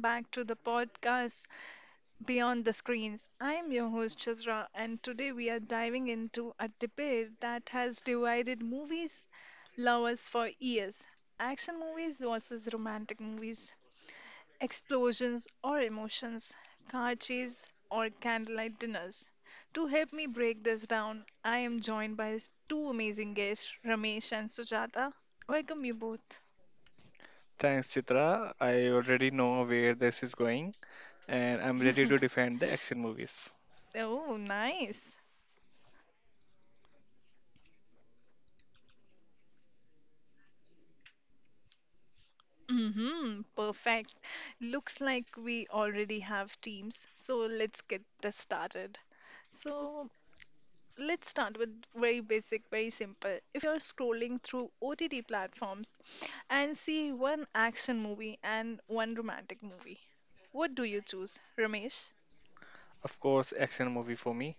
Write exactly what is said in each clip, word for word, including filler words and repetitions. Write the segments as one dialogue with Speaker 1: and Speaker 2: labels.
Speaker 1: back to the podcast Beyond the Screens. I am your host, Chazra, and today we are diving into a debate that has divided movies lovers for years: action movies versus romantic movies, explosions or emotions, car chase or candlelight dinners. To help me break this down, I am joined by two amazing guests, Ramesh and Sujata. Welcome you both.
Speaker 2: Thanks, Chitra. I already know where this is going, and I'm ready to defend the action movies.
Speaker 1: Oh, nice. Mm-hmm, perfect. Looks like we already have teams, so let's get this started. So let's start with very basic, very simple. If you're scrolling through O T T platforms and see one action movie and one romantic movie, what do you choose, Ramesh?
Speaker 2: Of course, action movie for me.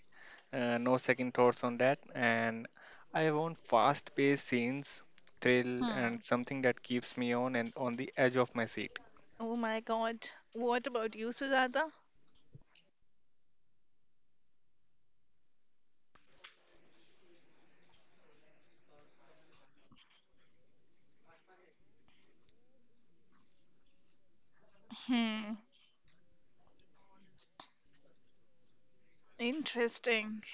Speaker 2: Uh, no second thoughts on that. And I want fast-paced scenes, thrill,
Speaker 1: Hmm.
Speaker 2: and something that keeps me on and on the edge of my seat.
Speaker 1: Oh my God. What about you, Sujata? Hmm, interesting.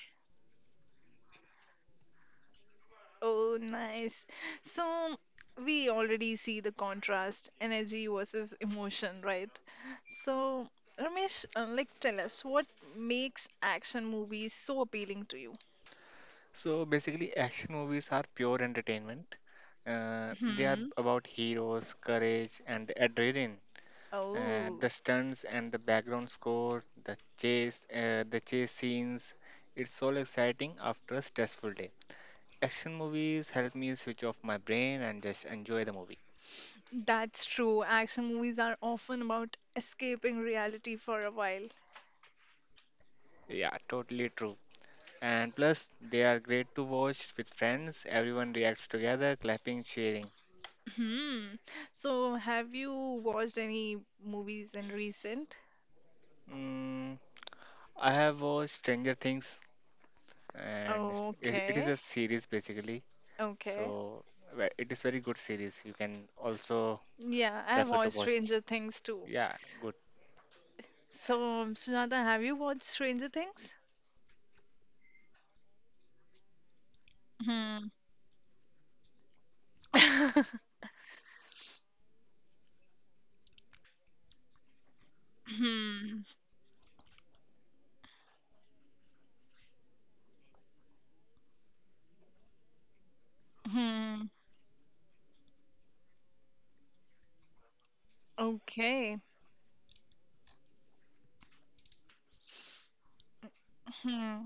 Speaker 1: Oh, nice. So we already see the contrast, energy versus emotion, right? So, Ramesh, uh, like, tell us what makes action movies so appealing to you?
Speaker 2: So basically, action movies are pure entertainment. Uh, they are
Speaker 1: Hmm.
Speaker 2: about heroes, courage, and adrenaline. Uh, the
Speaker 1: Oh,
Speaker 2: stunts and the background score, the chase, uh, the chase scenes. It's all exciting after a stressful day. Action movies help me switch off my brain and just enjoy the movie.
Speaker 1: that's true. Action movies are often about escaping reality for a while.
Speaker 2: Yeah, totally true. And plus, they are great to watch with friends. Everyone reacts together, clapping, cheering.
Speaker 1: Hmm. So, have you watched any movies in recent?
Speaker 2: Mm, I have watched Stranger Things, and it's- it, it is
Speaker 1: Okay.
Speaker 2: a series basically.
Speaker 1: Okay.
Speaker 2: So ve- it is very good series. You can also
Speaker 1: Yeah, I
Speaker 2: prefer to
Speaker 1: watched
Speaker 2: watch.
Speaker 1: Stranger Things too.
Speaker 2: Yeah, good.
Speaker 1: So, um, Sunata, have you watched Stranger Things? Hmm. Hmm. Hmm. Okay. Hmm.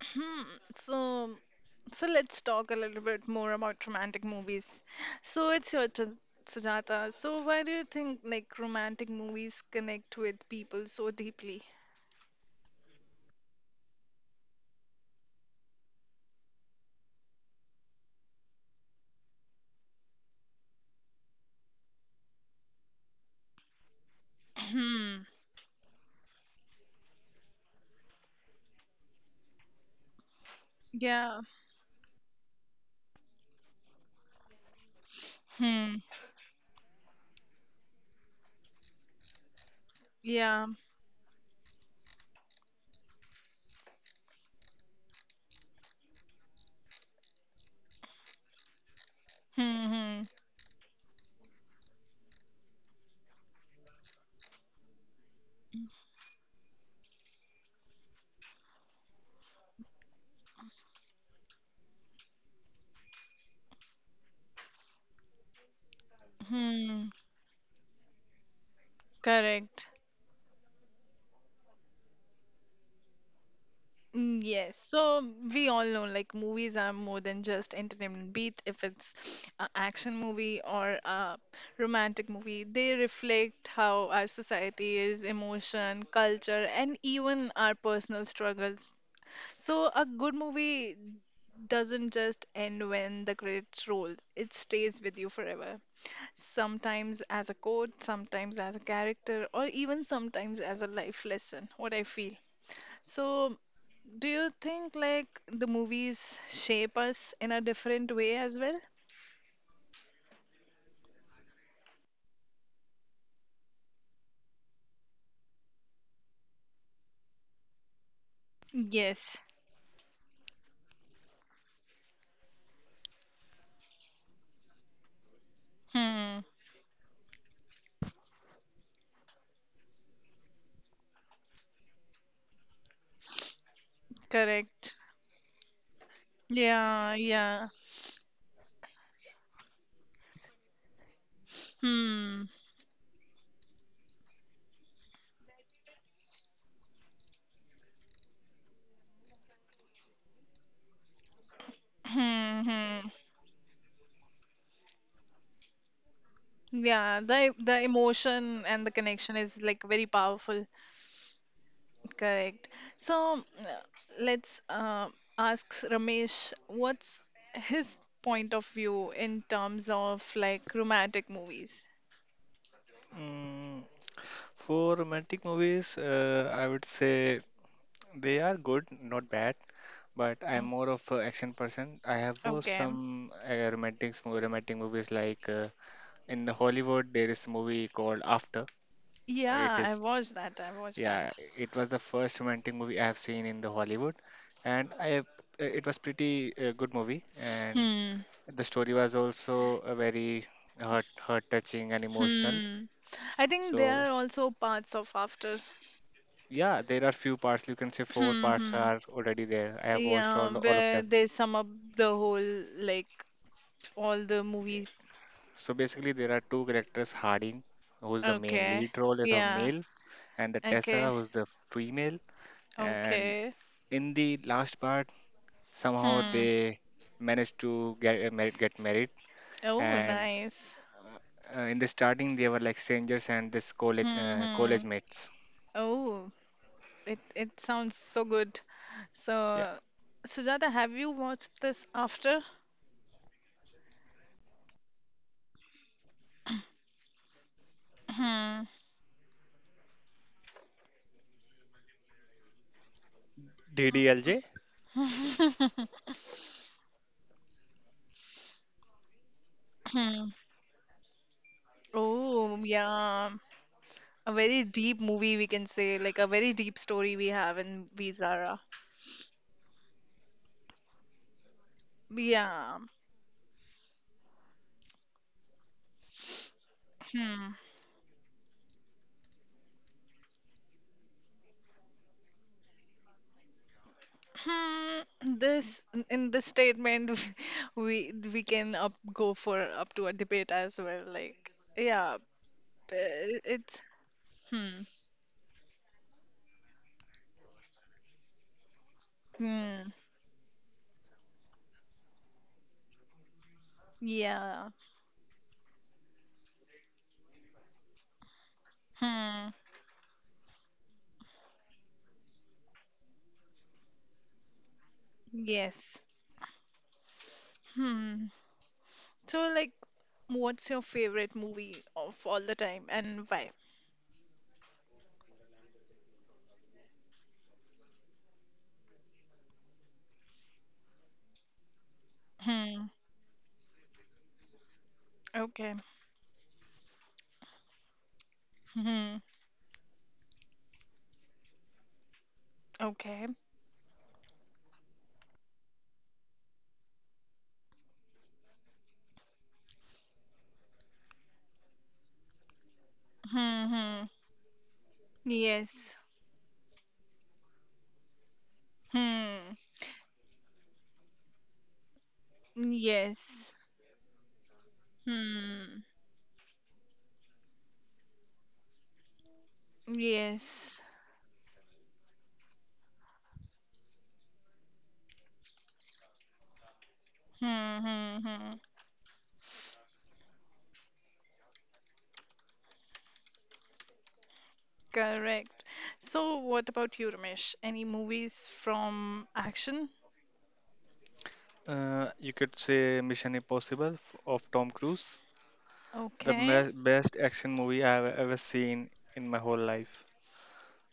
Speaker 1: Hmm. So, so let's talk a little bit more about romantic movies. So, it's your turn, Sujata. So, why do you think like romantic movies connect with people so deeply? Hmm. Yeah. Hmm. Yeah. Hmm. Hmm. Hmm. Correct. Mm, Yes, so we all know like movies are more than just entertainment, be it if it's an action movie or a romantic movie. They reflect how our society is, emotion, culture, and even our personal struggles. So a good movie doesn't just end when the credits roll, it stays with you forever. Sometimes as a quote, sometimes as a character, or even sometimes as a life lesson, what I feel. So, do you think like the movies shape us in a different way as well? Yes. Hmm. Correct. Yeah, yeah. Hmm. Hmm. Hmm. Yeah, the the emotion and the connection is like very powerful. Correct. So uh, let's uh, ask Ramesh, what's his point of view in terms of like romantic movies?
Speaker 2: Mm, for romantic movies, uh, I would say they are good, not bad, but I'm more of an action person. I have watched
Speaker 1: Okay.
Speaker 2: some uh, romantic mo- romantic movies like uh, in the Hollywood there is a movie called After. It
Speaker 1: Yeah, I
Speaker 2: is
Speaker 1: watched that. I watched that.
Speaker 2: yeah, it was the first romantic movie I have seen in the Hollywood, and I have- uh, it was pretty uh, good movie, and
Speaker 1: Hmm.
Speaker 2: the story was also a very heart heart touching and emotional.
Speaker 1: Hmm. I think
Speaker 2: So
Speaker 1: there are also parts of After.
Speaker 2: yeah, there are few parts. You can say four
Speaker 1: Hmm.
Speaker 2: parts
Speaker 1: Hmm.
Speaker 2: are already there. I have watched
Speaker 1: Yeah,
Speaker 2: all all of
Speaker 1: where
Speaker 2: them.
Speaker 1: they sum up the whole, like, all the
Speaker 2: Yeah.
Speaker 1: movies.
Speaker 2: So basically, there are two characters: Harding, who's the main
Speaker 1: Okay.
Speaker 2: lead role is of
Speaker 1: Yeah.
Speaker 2: male, and the Tessa,
Speaker 1: Okay.
Speaker 2: who's the female. And
Speaker 1: Okay.
Speaker 2: in the last part, somehow
Speaker 1: Hmm.
Speaker 2: they managed to get uh, married, get married.
Speaker 1: Oh,
Speaker 2: And
Speaker 1: nice.
Speaker 2: uh, in the starting, they were like strangers and this college
Speaker 1: Hmm.
Speaker 2: uh,
Speaker 1: Hmm.
Speaker 2: college mates.
Speaker 1: Oh, it it sounds so good.
Speaker 2: Yeah.
Speaker 1: So, Sujata, have you watched this After? Hmm.
Speaker 2: D D L J,
Speaker 1: Hmm. Oh, yeah. A very deep movie, we can say, like a very deep story we have in V Zara. Yeah. Hmm. Hmm. This in this statement, we we can up go for up to a debate as well. Like, yeah, b- it's hmm. Hmm. Yeah. Hmm. Yes. Hmm. So, like, what's your favorite movie of all the time and why? Hmm. Okay. Hmm. Okay. Hmm. Hmm. Yes. Hmm. Yes. Hmm. Yes. Hmm. Hmm. Hmm. Correct. So, what about you, Ramesh? Any movies from action?
Speaker 2: uh, you could say Mission Impossible f- of Tom Cruise. The
Speaker 1: Okay.
Speaker 2: me- best action movie I have e-, ever seen in my whole life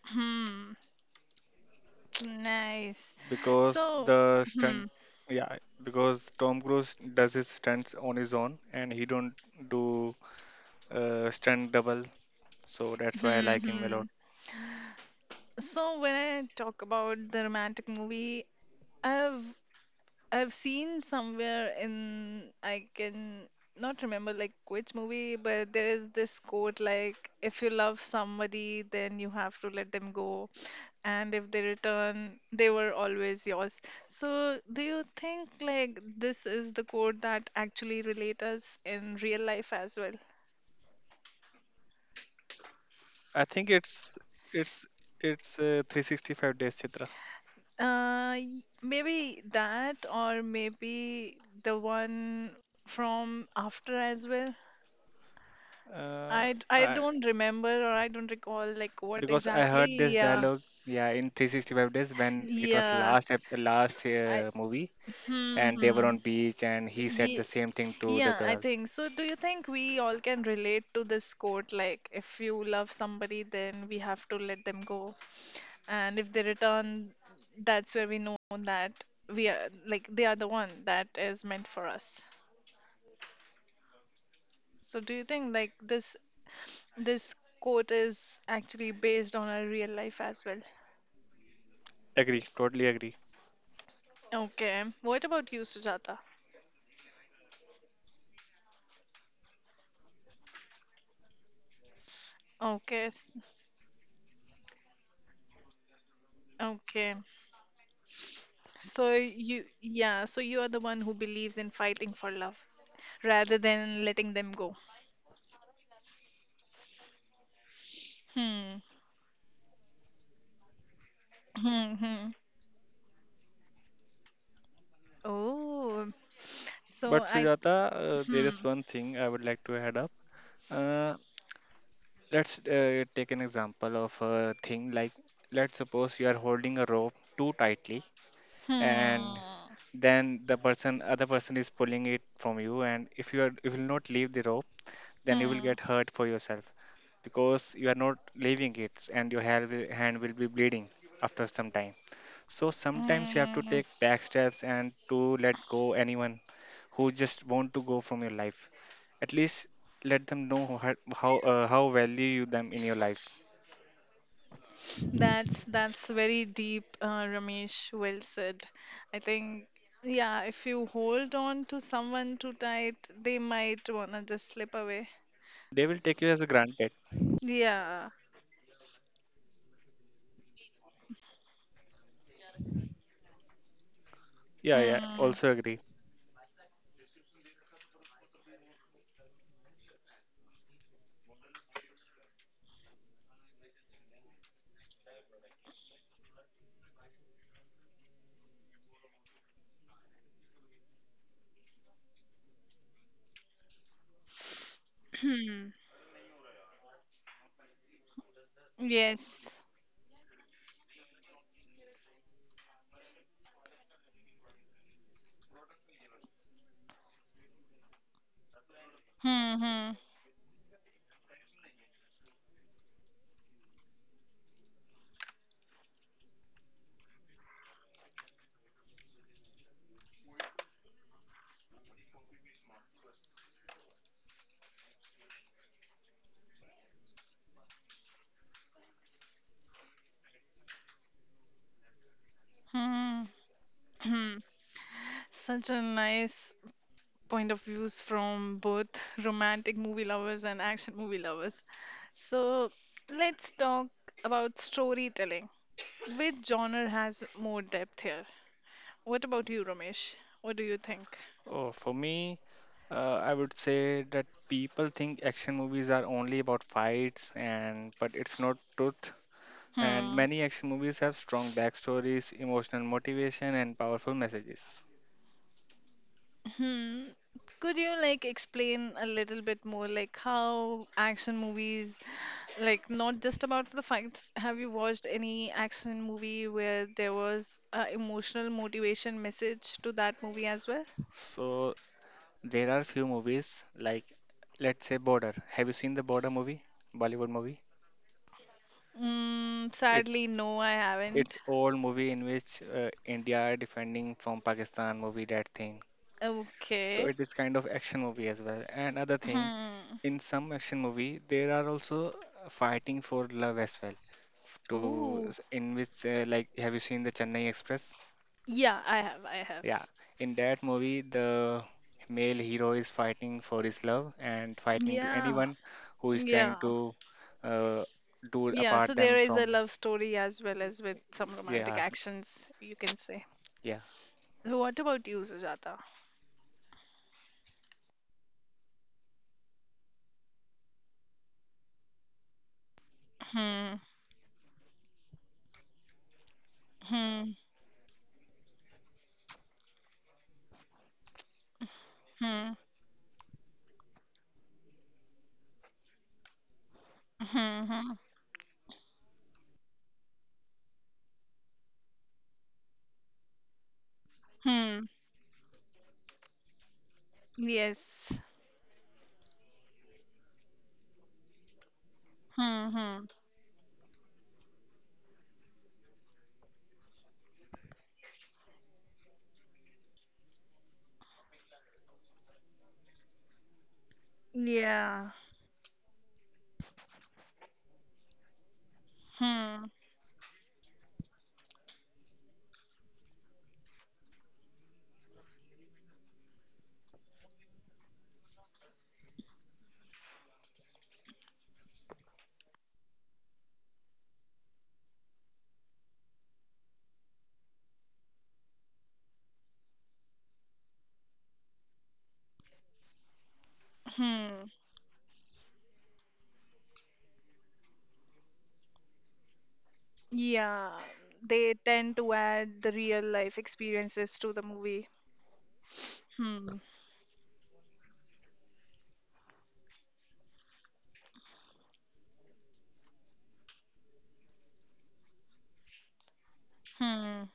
Speaker 1: Hmm. Nice.
Speaker 2: because
Speaker 1: So,
Speaker 2: the
Speaker 1: hmm.
Speaker 2: stunt, yeah, because Tom Cruise does his stunts on his own and he don't do uh, stunt double, so that's why I
Speaker 1: Hmm.
Speaker 2: like him a lot.
Speaker 1: Hmm. So, when I talk about the romantic movie, I've I've seen somewhere in, I can not remember like which movie, but there is this quote like, if you love somebody, then you have to let them go. And if they return, they were always yours. So, do you think like this is the quote that actually relate us in real life as well?
Speaker 2: I think it's it's it's uh, three sixty-five days, Chitra.
Speaker 1: Uh, y- maybe that, or maybe the one from After as well.
Speaker 2: Uh,
Speaker 1: I d- I
Speaker 2: I
Speaker 1: don't remember or I don't recall like what
Speaker 2: because I
Speaker 1: exactly.
Speaker 2: heard this
Speaker 1: Yeah,
Speaker 2: dialogue, yeah, in three sixty-five days when it was
Speaker 1: yeah.
Speaker 2: last ep- last
Speaker 1: I
Speaker 2: uh, movie
Speaker 1: hmm,
Speaker 2: and they were
Speaker 1: hmm.
Speaker 2: on beach and he said
Speaker 1: Yeah,
Speaker 2: the same thing to the
Speaker 1: yeah. I
Speaker 2: girl.
Speaker 1: think so. Do you think we all can relate to this quote? Like, if you love somebody, then we have to let them go, and if they return, that's where we know that we are like they are the one that is meant for us. So, do you think like this this quote is actually based on a real life as well?
Speaker 2: Agree, totally agree.
Speaker 1: Okay. What about you, Sujata? Okay. s- Okay. So you, yeah, so you are the one who believes in fighting for love rather than letting them go. Hmm. Hmm. Hmm. Oh. So
Speaker 2: But
Speaker 1: I.
Speaker 2: Sujata, uh, there
Speaker 1: Hmm.
Speaker 2: is one thing I would like to add up. Uh, let's uh, take an example of a thing like, let's suppose you are holding a rope too tightly, and
Speaker 1: Hmm.
Speaker 2: then the person, other person is pulling it from you, and if you are, if you will not leave the rope, then you will
Speaker 1: Hmm.
Speaker 2: get hurt for yourself, because you are not leaving it and your hand will, hand will be bleeding after some time. So sometimes you have to
Speaker 1: Hmm.
Speaker 2: take back steps and to let go anyone who just want to go from your life. At least let them know how how, uh, how value you them in your life.
Speaker 1: That's that's very deep, uh, Ramesh. Well said. I think, yeah, if you hold on to someone too tight, they might wanna just slip away.
Speaker 2: They will take you as a granted.
Speaker 1: Yeah.
Speaker 2: Yeah, yeah.
Speaker 1: Hmm.
Speaker 2: Also agree.
Speaker 1: Hmm. Yes. Hmm. Hmm. Hmm. Hmm. Such a nice point of views from both romantic movie lovers and action movie lovers. So let's talk about storytelling. Which genre has more depth here? What about you, Ramesh? What do you think?
Speaker 2: Oh, for me, uh, I would say that people think action movies are only about fights and but it's not truth, and many action movies have strong backstories, emotional motivation, and powerful messages.
Speaker 1: Hmm. Could you like explain a little bit more, like how action movies, like not just about the fights? Have you watched any action movie where there was a emotional motivation message to that movie as well?
Speaker 2: So there are few movies like, let's say, Border. Have you seen the Border movie, Bollywood movie?
Speaker 1: Mm,
Speaker 2: It
Speaker 1: sadly, no, I
Speaker 2: it's
Speaker 1: haven't.
Speaker 2: old movie in which uh, India defending from Pakistan movie that thing. So
Speaker 1: Okay.
Speaker 2: it is kind of action movie as well. And other thing,
Speaker 1: Hmm.
Speaker 2: in some action movie, there are also uh, fighting for love as well. To
Speaker 1: Ooh.
Speaker 2: in which uh, like, have you seen the Chennai Express?
Speaker 1: Yeah, I have. I have.
Speaker 2: Yeah, in that movie, the male hero is fighting for his love and fighting to
Speaker 1: Yeah.
Speaker 2: anyone who is trying
Speaker 1: Yeah.
Speaker 2: to uh, do
Speaker 1: Yeah. So
Speaker 2: apart
Speaker 1: there
Speaker 2: them
Speaker 1: is a
Speaker 2: from.
Speaker 1: love story as well as with some romantic
Speaker 2: Yeah,
Speaker 1: actions, you can say.
Speaker 2: yeah.
Speaker 1: So what about you, Sujata? Hmm. Hmm. Hmm. Hmm. Hmm. Hmm. Yes. Hmm. Hmm. Yeah. Hmm. Hmm. Yeah. They tend to add the real life experiences to the movie. Hmm. Hmm.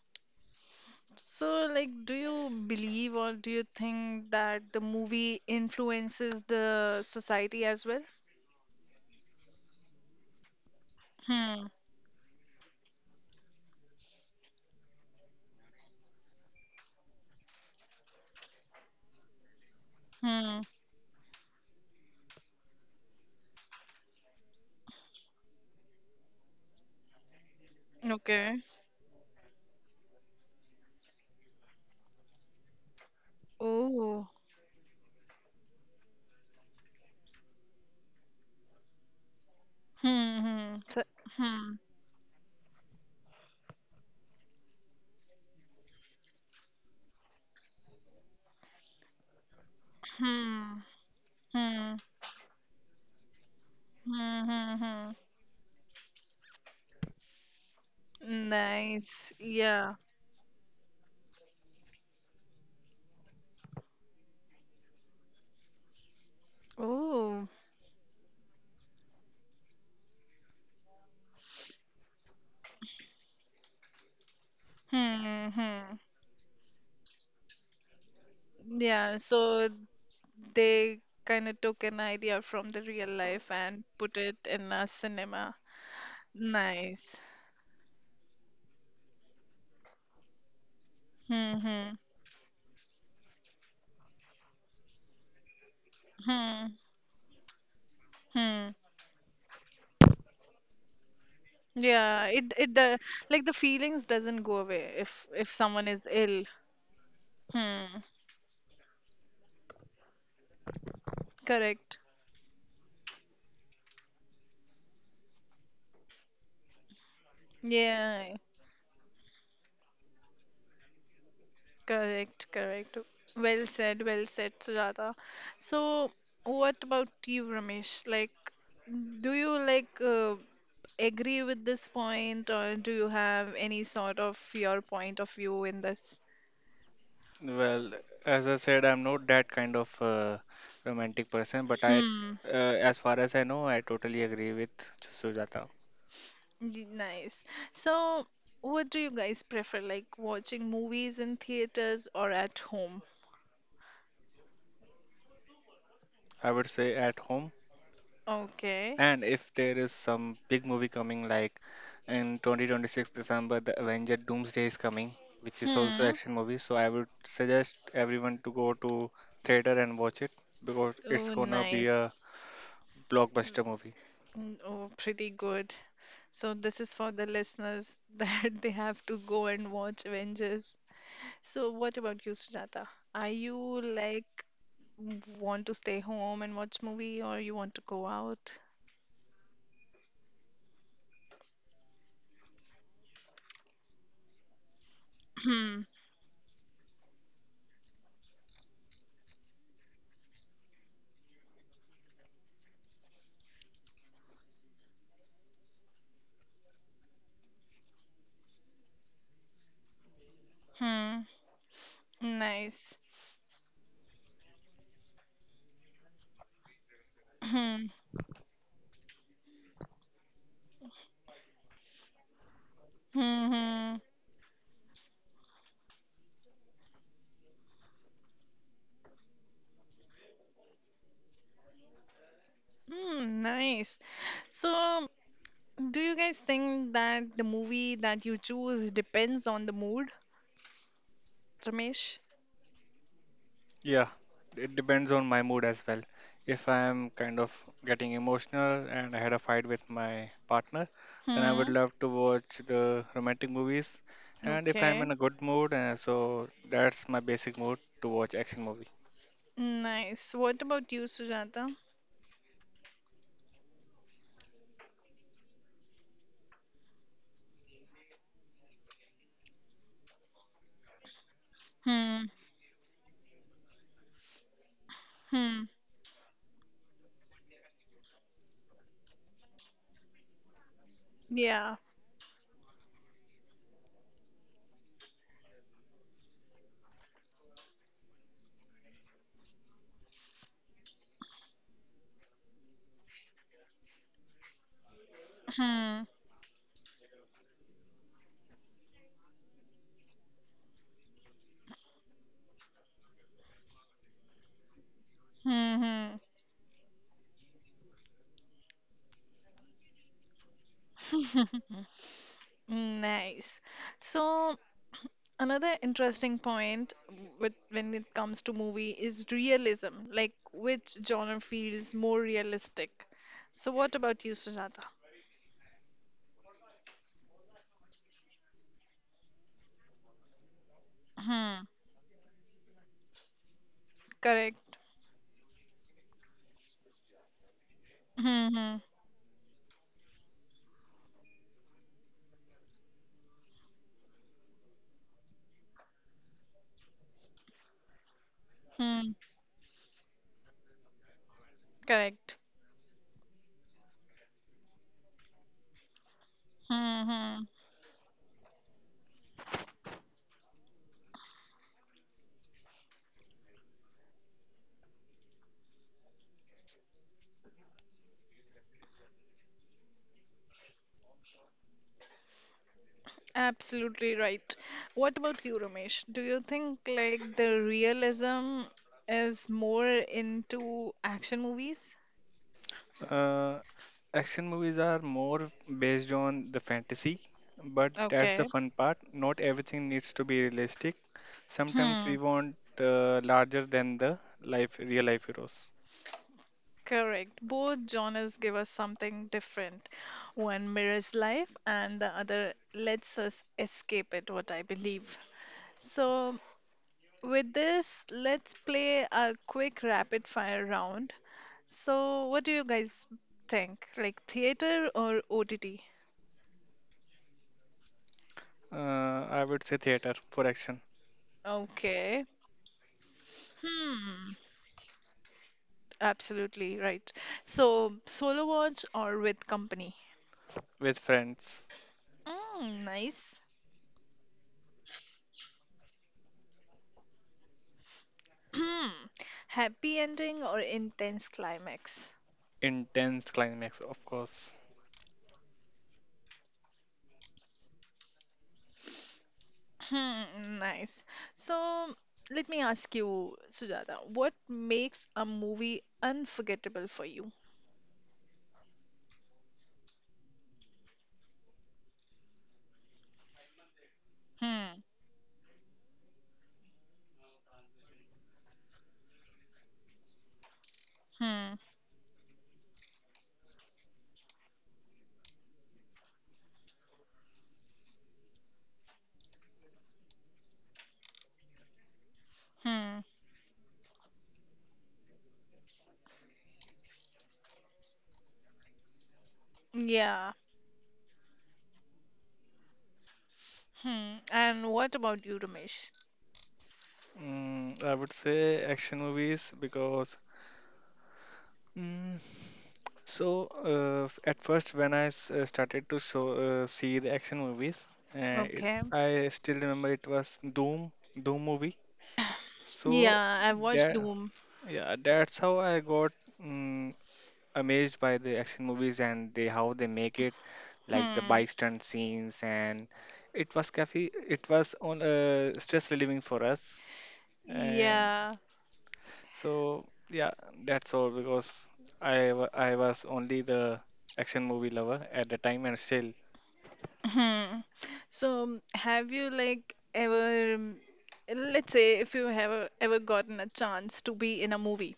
Speaker 1: So, like, do you believe or do you think that the movie influences the society as well? Hmm. Hmm. Okay. Oh. Hmm. Hmm. So, hmm. Hmm. Hmm. Hmm. Hmm. Hmm. Nice. Yeah. Oh. Hmm. Hmm. Yeah, so they kind of took an idea from the real life and put it in a cinema. Nice. Hmm. Hmm. Hmm. Hmm. Yeah, it it do- like the feelings doesn't go away if if someone is ill. Hmm. Correct. Yeah. Correct, correct. Well said, well said, Sujata. So, what about you, Ramesh? Like, do you like uh, agree with this point, or do you have any sort of your point of view in this?
Speaker 2: Well, as I said, I'm not that kind of uh, romantic person, but I,
Speaker 1: Hmm.
Speaker 2: uh, as far as I know, I totally agree with Sujata.
Speaker 1: y- Nice. So, what do you guys prefer, like watching movies in theaters or at home?
Speaker 2: I would say at home.
Speaker 1: Okay.
Speaker 2: And if there is some big movie coming, like in twenty twenty-six December, the Avenger Doomsday is coming, which is also
Speaker 1: Hmm.
Speaker 2: action movie. So I would suggest everyone to go to theater and watch it because it's
Speaker 1: Oh,
Speaker 2: gonna be a
Speaker 1: nice.
Speaker 2: blockbuster movie.
Speaker 1: Mm, Oh, pretty good. So this is for the listeners that they have to go and watch Avengers. So what about you, Sujata? Are you like want to stay home and watch movie or you want to go out? Hmm. Hmm. Nice. Hmm. Hmm. Hmm. Hmm. Nice. So do you guys think that the movie that you choose depends on the mood, Ramesh?
Speaker 2: Yeah, it depends on my mood as well. If I am kind of getting emotional and I had a fight with my partner, then I would
Speaker 1: Hmm.
Speaker 2: love to watch the romantic movies. And if I'm
Speaker 1: Okay.
Speaker 2: in a good mood, uh, so that's my basic mood to watch action movies.
Speaker 1: Nice. What about you, Sujata? Hmm. Hmm. Yeah. Hmm. Hmm. Hmm. Nice. So another interesting point with when it comes to movie is realism, like which genre feels more realistic. So what about you, Sujata? Hmm. Correct. Hmm. Hmm. Hmm. Correct. Hmm. Hmm. Absolutely right. What about you, Ramesh? Do you think like the realism is more into action movies?
Speaker 2: Uh, action movies are more based on the fantasy, but that's the
Speaker 1: Okay.
Speaker 2: fun part. Not everything needs to be realistic. Sometimes
Speaker 1: Hmm.
Speaker 2: we want uh, larger than the life, real life heroes.
Speaker 1: Correct. Both genres give us something different. One mirrors life, and the other lets us escape it, what I believe. So, with this, let's play a quick rapid fire round. So, what do you guys think? Like theater or O T T?
Speaker 2: Uh, I would say theater for action
Speaker 1: Okay. Hmm, absolutely right. So, solo watch or with company?
Speaker 2: with friends.
Speaker 1: Mm, nice. Hmm, happy ending or intense climax?
Speaker 2: Intense climax, of course.
Speaker 1: Hmm, nice. So, let me ask you, Sujata, what makes a movie unforgettable for you? Hmm, hmm, hmm. Yeah. Hmm. And what about you, Ramesh?
Speaker 2: Mm, I would say action movies because mm, so, uh, f- at first, when I s- uh, started to show uh, see the action movies, uh, it,
Speaker 1: Okay.
Speaker 2: I still remember it was Doom, Doom movie. So
Speaker 1: Yeah, I watched
Speaker 2: that
Speaker 1: Doom.
Speaker 2: yeah, that's how I got mm amazed by the action movies and they how they make it, like the
Speaker 1: Hmm.
Speaker 2: bike stunt scenes, and it was cafe, it was on uh, stress relieving for us.
Speaker 1: Yeah.
Speaker 2: So yeah, that's all because I wa- I was only the action movie lover at the time and still
Speaker 1: Hmm. So, have you like ever, um, let's say, if you have ever gotten a chance to be in a movie,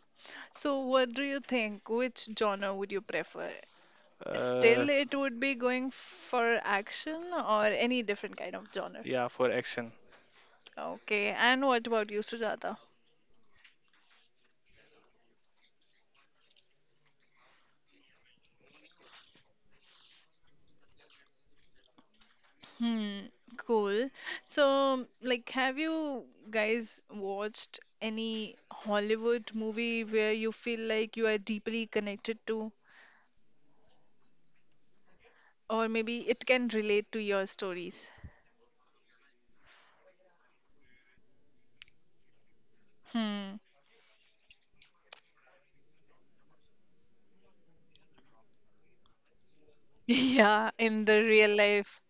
Speaker 1: so what do you think? Which genre would you prefer?
Speaker 2: uh
Speaker 1: Still, it would be going for action or any different kind of genre.
Speaker 2: yeah for action.
Speaker 1: Okay, and what about you, Sujata? Hmm, cool. So, like, have you guys watched any Hollywood movie where you feel like you are deeply connected to? Or maybe it can relate to your stories. Hmm. Yeah, in the real life.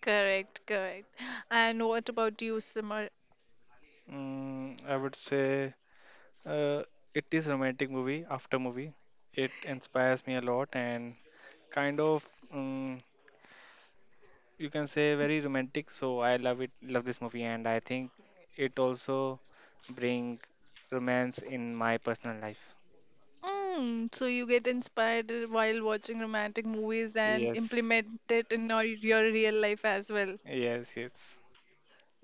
Speaker 1: Correct, correct. And what about you, Simar?
Speaker 2: Mm, I would say uh it is romantic movie after movie. It inspires me a lot and kind of um, you can say very romantic. So I love it love this movie and I think it also bring romance in my personal life.
Speaker 1: Mm, so you get inspired while watching romantic movies and
Speaker 2: Yes.
Speaker 1: implement it in your, your real life as well.
Speaker 2: Yes, yes.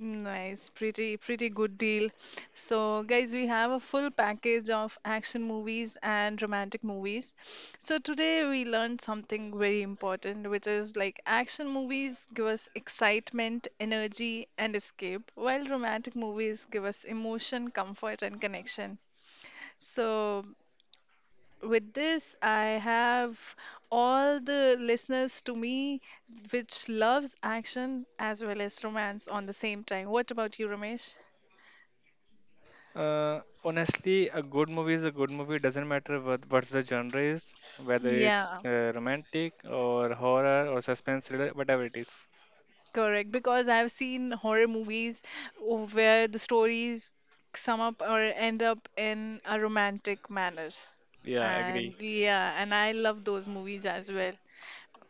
Speaker 1: Nice, pretty, pretty good deal. So, guys, we have a full package of action movies and romantic movies. So, today we learned something very important, which is like action movies give us excitement, energy, and escape, while romantic movies give us emotion, comfort, and connection. So, with this, I have all the listeners to me which loves action as well as romance on the same time. What about you, Ramesh?
Speaker 2: Uh, honestly, a good movie is a good movie. Doesn't matter what what's the genre is, whether it's
Speaker 1: Yeah,
Speaker 2: uh, romantic or horror or suspense thriller, whatever it is.
Speaker 1: correct. Because I've seen horror movies o- where the stories sum up or end up in a romantic manner.
Speaker 2: Yeah,
Speaker 1: And
Speaker 2: agree.
Speaker 1: yeah, and I love those movies as well.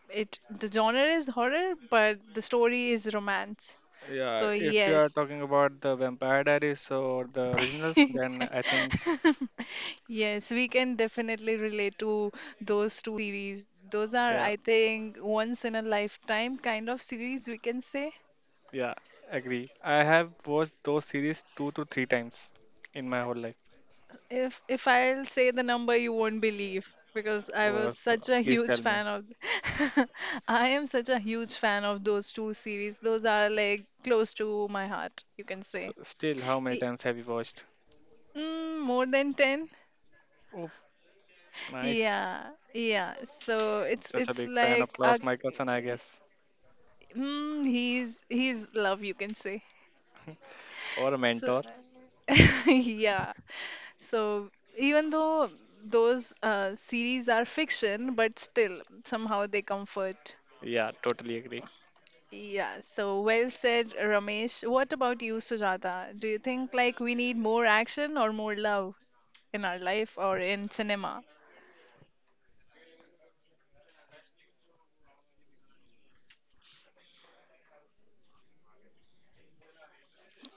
Speaker 1: It the genre is horror, but the story is romance.
Speaker 2: Yeah,
Speaker 1: So
Speaker 2: if you are
Speaker 1: yes.
Speaker 2: talking about the Vampire Diaries or the originals, then I think
Speaker 1: Yes, we can definitely relate to those two series. Those are,
Speaker 2: yeah,
Speaker 1: I think, once in a lifetime kind of series we can say.
Speaker 2: yeah, agree. I have watched those series two to three times in my whole life.
Speaker 1: If if I'll say the number, you won't believe because I was
Speaker 2: Was uh,
Speaker 1: such a
Speaker 2: Please tell
Speaker 1: huge
Speaker 2: me.
Speaker 1: fan of I am such a huge fan of those two series. Those are like close to my heart, you can
Speaker 2: So
Speaker 1: say.
Speaker 2: still, how many
Speaker 1: I-
Speaker 2: times have you watched?
Speaker 1: Mm, more than ten?
Speaker 2: Oh, nice.
Speaker 1: Yeah, yeah. So it's
Speaker 2: Such a
Speaker 1: it's
Speaker 2: big fan of
Speaker 1: like a
Speaker 2: Klaus Michelson, I guess,
Speaker 1: Mm, he's he's love, you can say.
Speaker 2: or a
Speaker 1: So,
Speaker 2: mentor.
Speaker 1: yeah. So even though those uh, series are fiction, but still somehow they comfort.
Speaker 2: Yeah, totally agree.
Speaker 1: Yeah. So well said, Ramesh. What about you, Sujata? Do you think like we need more action or more love in our life or in cinema?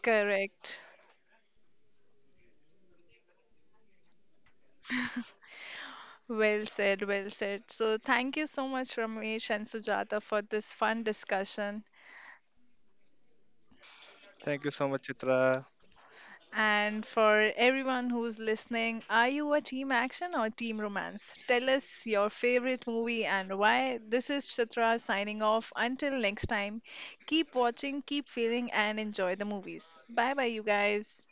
Speaker 1: Correct. Well said, well said. So thank you so much, Ramesh and Sujata, for this fun discussion.
Speaker 2: Thank you so much, Chitra.
Speaker 1: And for everyone who's listening, are you a team action or team romance? Tell us your favorite movie and why. This is Chitra signing off. Until next time, keep watching, keep feeling, and enjoy the movies. Bye bye, you guys.